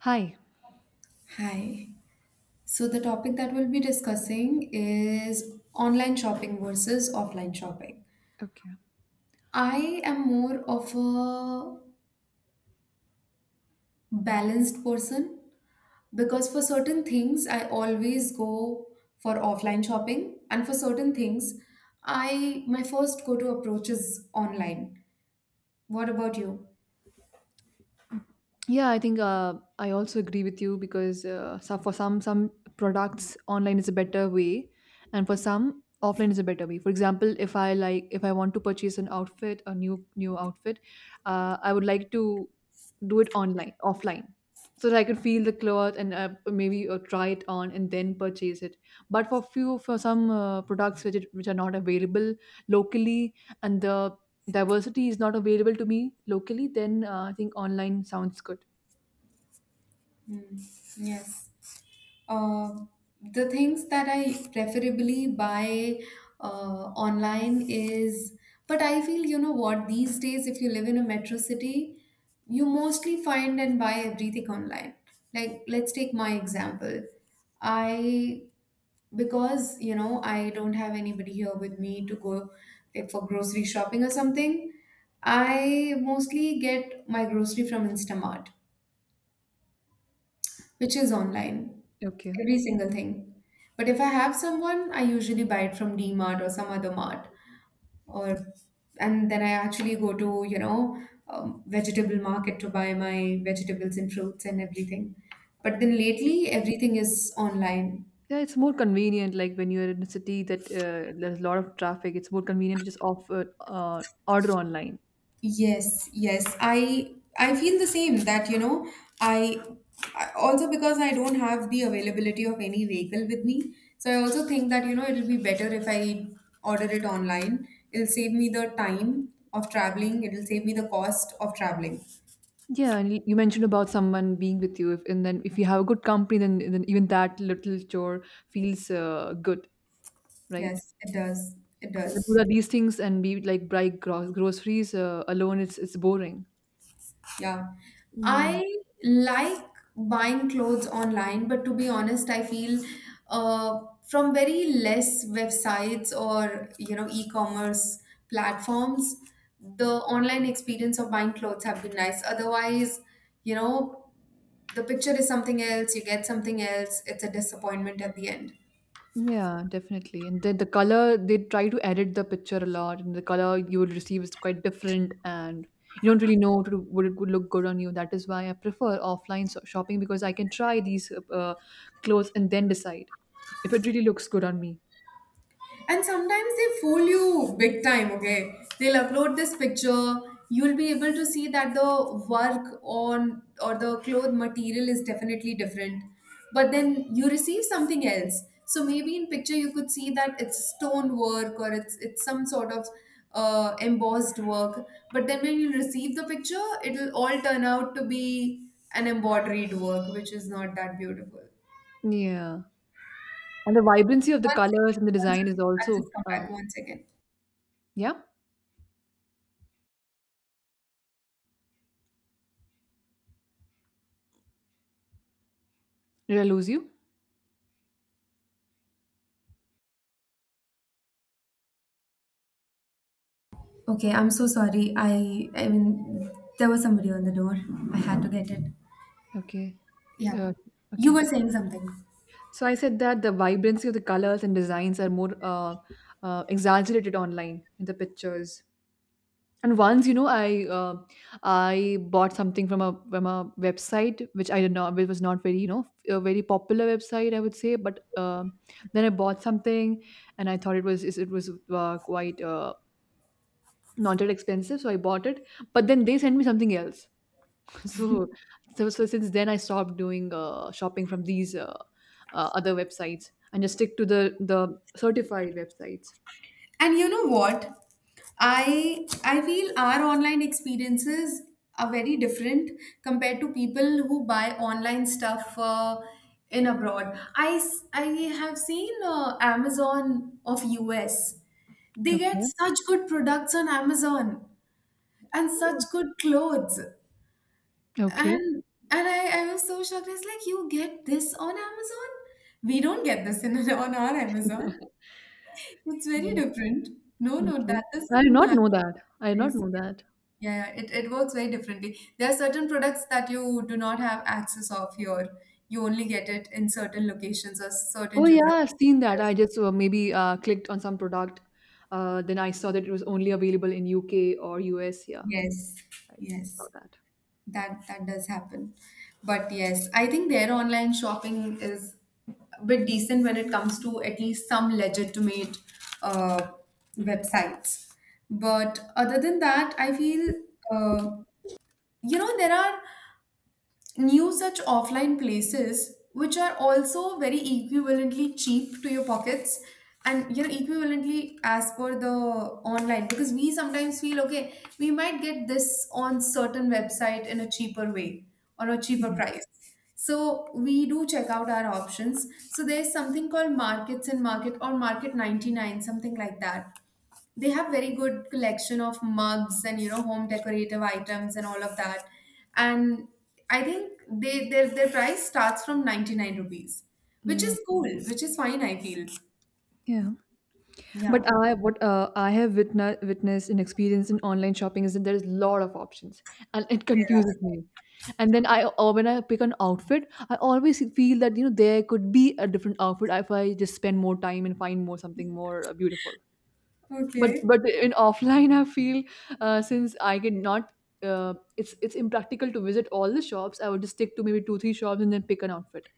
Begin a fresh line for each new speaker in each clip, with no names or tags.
Hi.
Hi. So, the topic that we'll be discussing is online shopping versus offline shopping.
Okay.
I am more of a balanced person because for certain things, I always go for offline shopping, and for certain things, I my first go to approach is online. What about you?
Mm. Yeah, I think I also agree with you because so for some products online is a better way, and for some offline is a better way. For example, if I want to purchase an outfit, a new outfit, I would like to do it online, offline, so that I could feel the cloth and maybe try it on and then purchase it. But for some products which are not available locally, and the diversity is not available to me locally, then I think online sounds good.
Hmm. Yes. Uh, the things that I preferably buy online is, but I feel, you know what, these days, if you live in a metro city, you mostly find and buy everything online. Like, let's take my example. I, because, you know, I don't have anybody here with me to go like for grocery shopping or something, I mostly get my grocery from Instamart, which is online,
Okay.
every single thing. But if I have someone, I usually buy it from DMart or some other mart, or and then I actually go to you know vegetable market to buy my vegetables and fruits and everything. But then lately, everything is online.
Yeah, it's more convenient. Like when you're in a city that there's a lot of traffic, it's more convenient to just offer order online.
Yes, yes. I feel the same that you know I, I also because I don't have the availability of any vehicle with me. So I also think that you know it'll be better if I order it online. It'll save me the time of traveling. It'll save me the cost of traveling.
Yeah, and you mentioned about someone being with you, if, and then if you have a good company, then even that little chore feels good, right?
Yes, it does. It
And do
does.
that these things and be like buy groceries alone, it's boring.
Yeah.
Yeah.
I like buying clothes online, but to be honest, I feel uh, from very less websites or you know e-commerce platforms, the online experience of buying clothes have been nice. Otherwise, you know, the picture is something else, you get something else, it's a disappointment at the end.
Yeah, definitely. And then the color, they try to edit the picture a lot, and the color you will receive is quite different, and you don't really know to, would it would look good on you. That is why I prefer offline shopping because I can try these clothes and then decide if it really looks good on me.
And sometimes they fool you big time, okay? They'll upload this picture. You'll be able to see that the work on or the cloth material is definitely different. But then you receive something else. So maybe in picture you could see that it's stone work or it's some sort of embossed work. But then when you receive the picture, it'll all turn out to be an embroidered work, which is not that beautiful.
Yeah. And the vibrancy of the
One
colors
second,
and the
one
design is
second. I'll
also,
just come back one second.
yeah. Did I lose you?
Okay, I'm so sorry. I mean there was somebody on the door. I had to get it.
Okay.
Yeah.
Uh,
You
okay.
were saying something.
So I said that the vibrancy of the colors and designs are more exaggerated online in the pictures. And once I bought something from a website which was not very, a very popular website, I would say. But then I bought something, and I thought it was quite not that expensive, so I bought it. But then they sent me something else. So so since then I stopped doing shopping from these other websites and just stick to the certified websites.
And you know what? I feel our online experiences are very different compared to people who buy online stuff in abroad. I have seen Amazon of US. They get
Okay.
such good products on Amazon and such good clothes.
Okay.
And I was so shocked. I was like, you get this on Amazon? We don't get this in on our Amazon. It's very different. No, no, that
Okay. I did
doesn't
not know
happen.
that. I did not
Yes.
know that.
Yeah, yeah, it works very differently. There are certain products that you do not have access of here. You only get it in certain locations or certain
Oh yeah,
geographic
I've seen that.
areas.
I just maybe clicked on some product. Then I saw that it was only available in UK or US. Yeah,
Yes,
I saw
yes.
that.
That does happen. But yes, I think their online shopping is a bit decent when it
Mm,
comes to at least some legitimate uh, websites. But other than that, I feel uh, you know there are new such offline places which are also very equivalently cheap to your pockets, and you know equivalently as per the online, because we sometimes feel okay we might get this on certain website in a cheaper way or a cheaper
yeah.
price. So we do check out our options. So there's something called markets and market or Market 99, something like that. They have very good collection of mugs and you know home decorative items and all of that. And I think they their price starts from 99 rupees, which
Mm,
is
okay.
cool, which is fine, I feel.
Yeah.
Yeah.
But I have witnessed and experienced in online shopping is that there is a lot of options and it confuses me. And then I when I pick an outfit, I always feel that there could be a different outfit if I just spend more time and find more something more beautiful. But
Okay.
but in offline, I feel since I cannot, it's impractical to visit all the shops. I would just stick to maybe two three shops and then pick an outfit.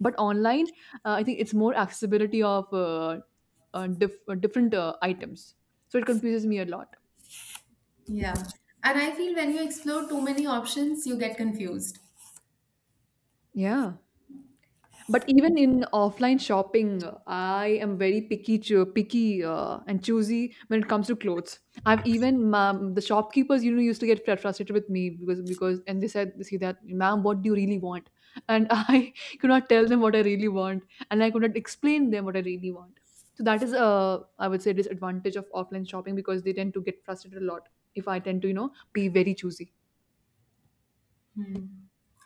But online, I think it's more accessibility of different items. So it confuses me a lot.
Yeah, and I feel when you explore too many options you get confused.
Yeah. But even in offline shopping, I am very picky and choosy when it comes to clothes. The shopkeepers, used to get frustrated with me because and they said, see that, ma'am, what do you really want? And I could not tell them what I really want, and I could not explain them what I really want. So that is I would say, disadvantage of offline shopping because they tend to get frustrated a lot if I tend to, be very choosy.
Hmm.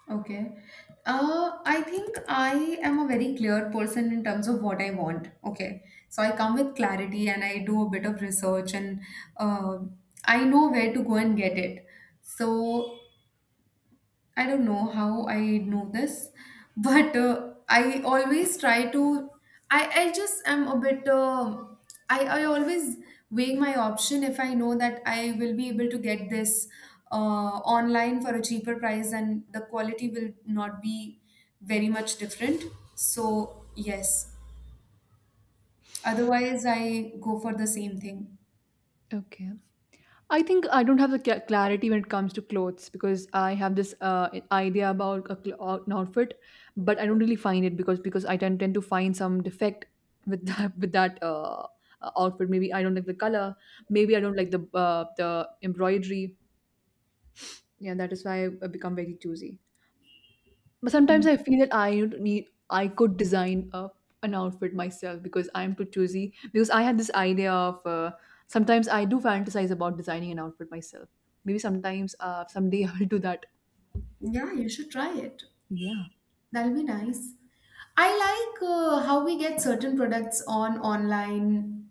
Okay. I think I am a very clear person in terms of what I want. Okay. So I come with clarity and I do a bit of research and uh, I know where to go and get it. So I don't know how I know this, but I always try to. I just am a bit. I always weigh my option if I know that I will be able to get this online for a cheaper price and the quality will not be very much different. So, yes. Otherwise, I go for the same thing.
Okay. I think I don't have the clarity when it comes to clothes because I have this idea about an outfit, but I don't really find it because I tend to find some defect with that with that outfit. Maybe I don't like the color. Maybe I don't like the embroidery. Yeah, that is why I become very choosy. But
Hmm.
sometimes I feel that I would need I could design a, an outfit myself because I'm too choosy. Because I had this idea of sometimes I do fantasize about designing an outfit myself. Maybe sometimes someday I will do that.
Yeah, you should try it.
Yeah.
That'll be nice. I like how we get certain products on online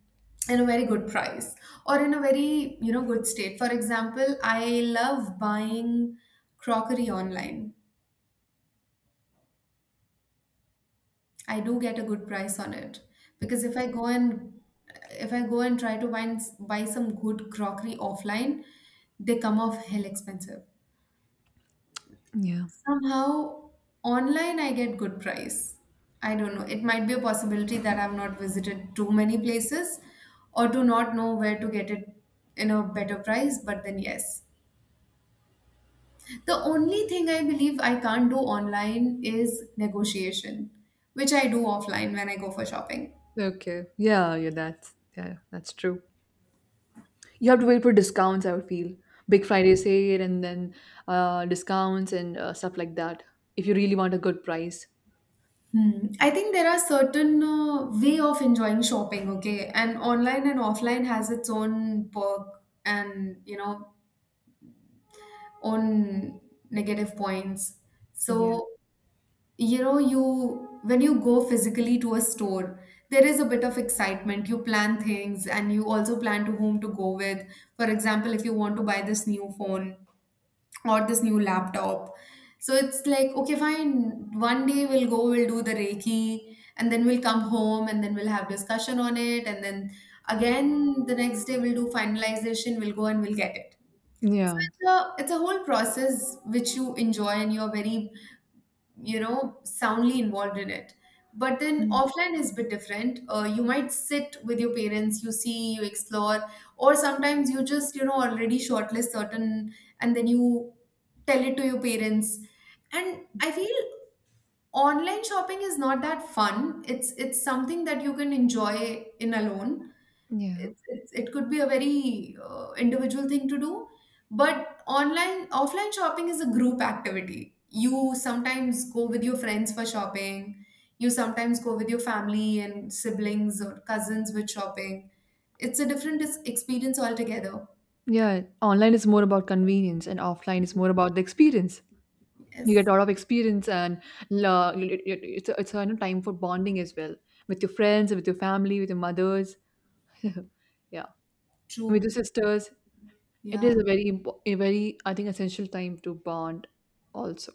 in a very good price or in a very, you know, good state. For example, I love buying crockery online. I do get a good price on it because if I go and try to buy some good crockery offline, they come off hell expensive.
Yeah.
Somehow online I get good price. I don't know. It might be a possibility that I've not visited too many places or do not know where to get it in a better price, but then yes. The only thing I believe I can't do online is negotiation, which I do offline when I go for shopping.
Okay. Yeah. Yeah. That's yeah. That's true. You have to wait for discounts. I would feel Big Friday sale and then discounts and stuff like that. If you really want a good price.
Hmm. I think there are certain way of enjoying shopping, okay? And online and offline has its own perk and, you know, own negative points.
Yeah.
So, you know, you when you go physically to a store, there is a bit of excitement. You plan things and you also plan to whom to go with. For example, if you want to buy this new phone or this new laptop. So it's like, okay, fine, one day we'll go, we'll do the Reiki, and then we'll come home and then we'll have discussion on it, and then again the next day we'll do finalization, we'll go and we'll get it. So
Yeah.
it's a whole process which you enjoy and you're very, you know, soundly involved in it. But then
Mm.
offline is a bit different. You might sit with your parents, you see, you explore, or sometimes you just, you know, already shortlist certain and then you tell it to your parents. And I feel online shopping is not that fun. It's something that you can enjoy in alone.
Yeah.
It could be a very individual thing to do, but online offline shopping is a group activity. You sometimes go with your friends for shopping. You sometimes go with your family and siblings or cousins with shopping. It's a different experience altogether.
Yeah, online is more about convenience and offline is more about the experience. You get a
Yes,
lot of experience and it's a time for bonding as well with your friends, with your family, with your mothers, yeah, with
true.
your sisters. It
Yeah.
is a very I think essential time to bond also.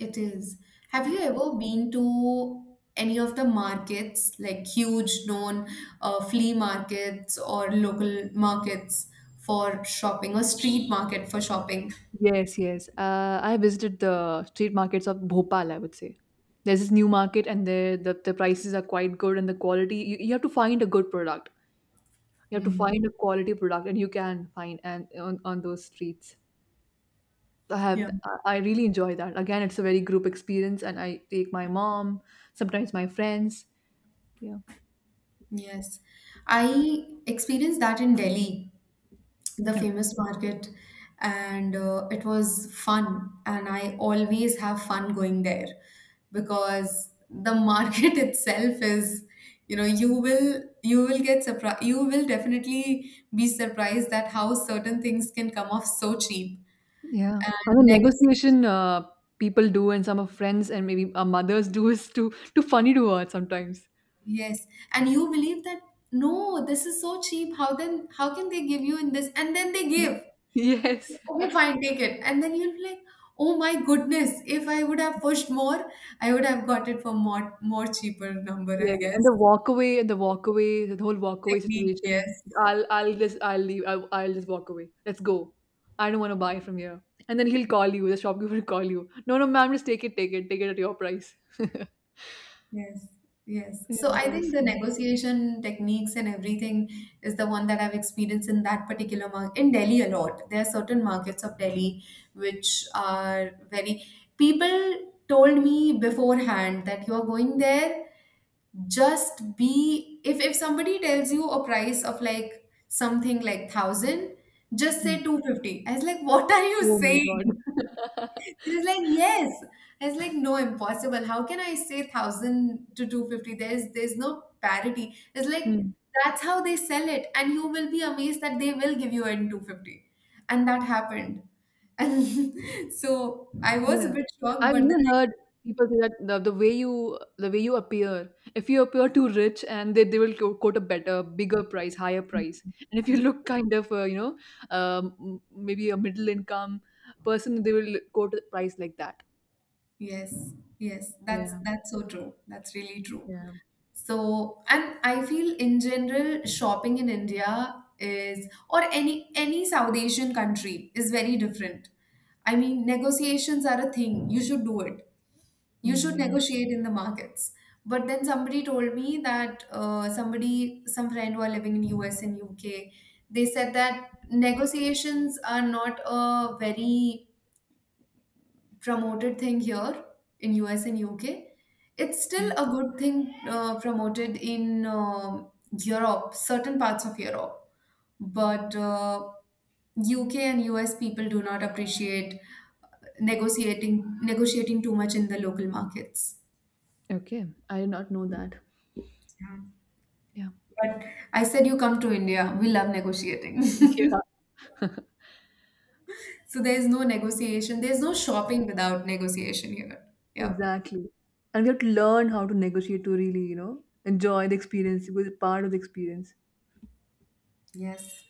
It is. Have you
Yeah.
ever been to any of the markets, like huge known flea markets or local markets for shopping or street market for shopping?
Yes, yes. I visited the street markets of Bhopal, I would say. There's this new market and there the prices are quite good and the quality you have to find a good product. You have to find a quality product, and you can find and on those streets. I have I really enjoy that. Again, it's a very group experience, and I take my mom, sometimes my friends. Yeah.
Yes. I experienced that in Delhi, the
Okay.
famous market. And it was fun, and I always have fun going there because the market itself is, you know, you will get surprised. You will definitely be surprised that how certain things can come off so cheap.
Yeah, and
And
the negotiation
negotiation,
uh, people do, and some of friends and maybe our mothers do is too funny to watch sometimes.
yes. And you believe that no, this is so cheap, how then how can they give you in this? And then they give.
Yes.
Okay, fine, take it. And then you'll be like, oh my goodness, if I would have pushed more, I would have got it for more cheaper number,
Yeah,
I
and
guess.
the walk away, and the walk away, the whole walk away
Technique,
situation.
yes.
I'll leave. I'll just walk away. Let's go. I don't want to buy from here. And then he'll call you. The shopkeeper will call you. No, no, ma'am, just take it, take it, take it at your price.
Yes. Yes.
Yeah,
So I
that
think
is.
the negotiation techniques and everything is the one that I've experienced in that particular market in Delhi a lot. There are certain markets of Delhi which are very, people told me beforehand that you are going there, just be, if somebody tells you a price of like something like 1,000, just
Hmm.
say 250. I was like, what are you
Oh my God.
saying? He's like, yes. I was like, no, impossible, how can I say 1,000 to 250? There's no parity. It's like
Hmm.
that's how they sell it, and you will be amazed that they will give you in 250, and that happened. And so I was a
Yeah.
bit shocked,
I've
but then
even
I,
heard people say that the way you appear, if you appear too rich and they will quote a better, bigger price, higher price. And if you look kind of, maybe a middle income person, they will quote a price like that.
yes, yes, that's
Yeah.
that's so true, that's really true.
Yeah.
So, and I feel in general, shopping in India is, or any South Asian country is very different. I mean, negotiations are a thing. You should do it. You
Mm,
should
yeah.
negotiate in the markets. But then somebody told me that somebody, some friend who are living in US and UK, they said that negotiations are not a very promoted thing here in US and UK. It's still
Mm.
a good thing promoted in Europe, certain parts of Europe, but UK and US people do not appreciate negotiating too much in the local markets.
Okay. I did not know that.
Yeah.
Yeah.
But I said, you come to India, we love negotiating.
Yeah.
So there's no negotiation, there's no shopping without negotiation here. Yeah.
Exactly. And we have to learn how to negotiate to really, enjoy the experience, because it's part of the experience.
Yes.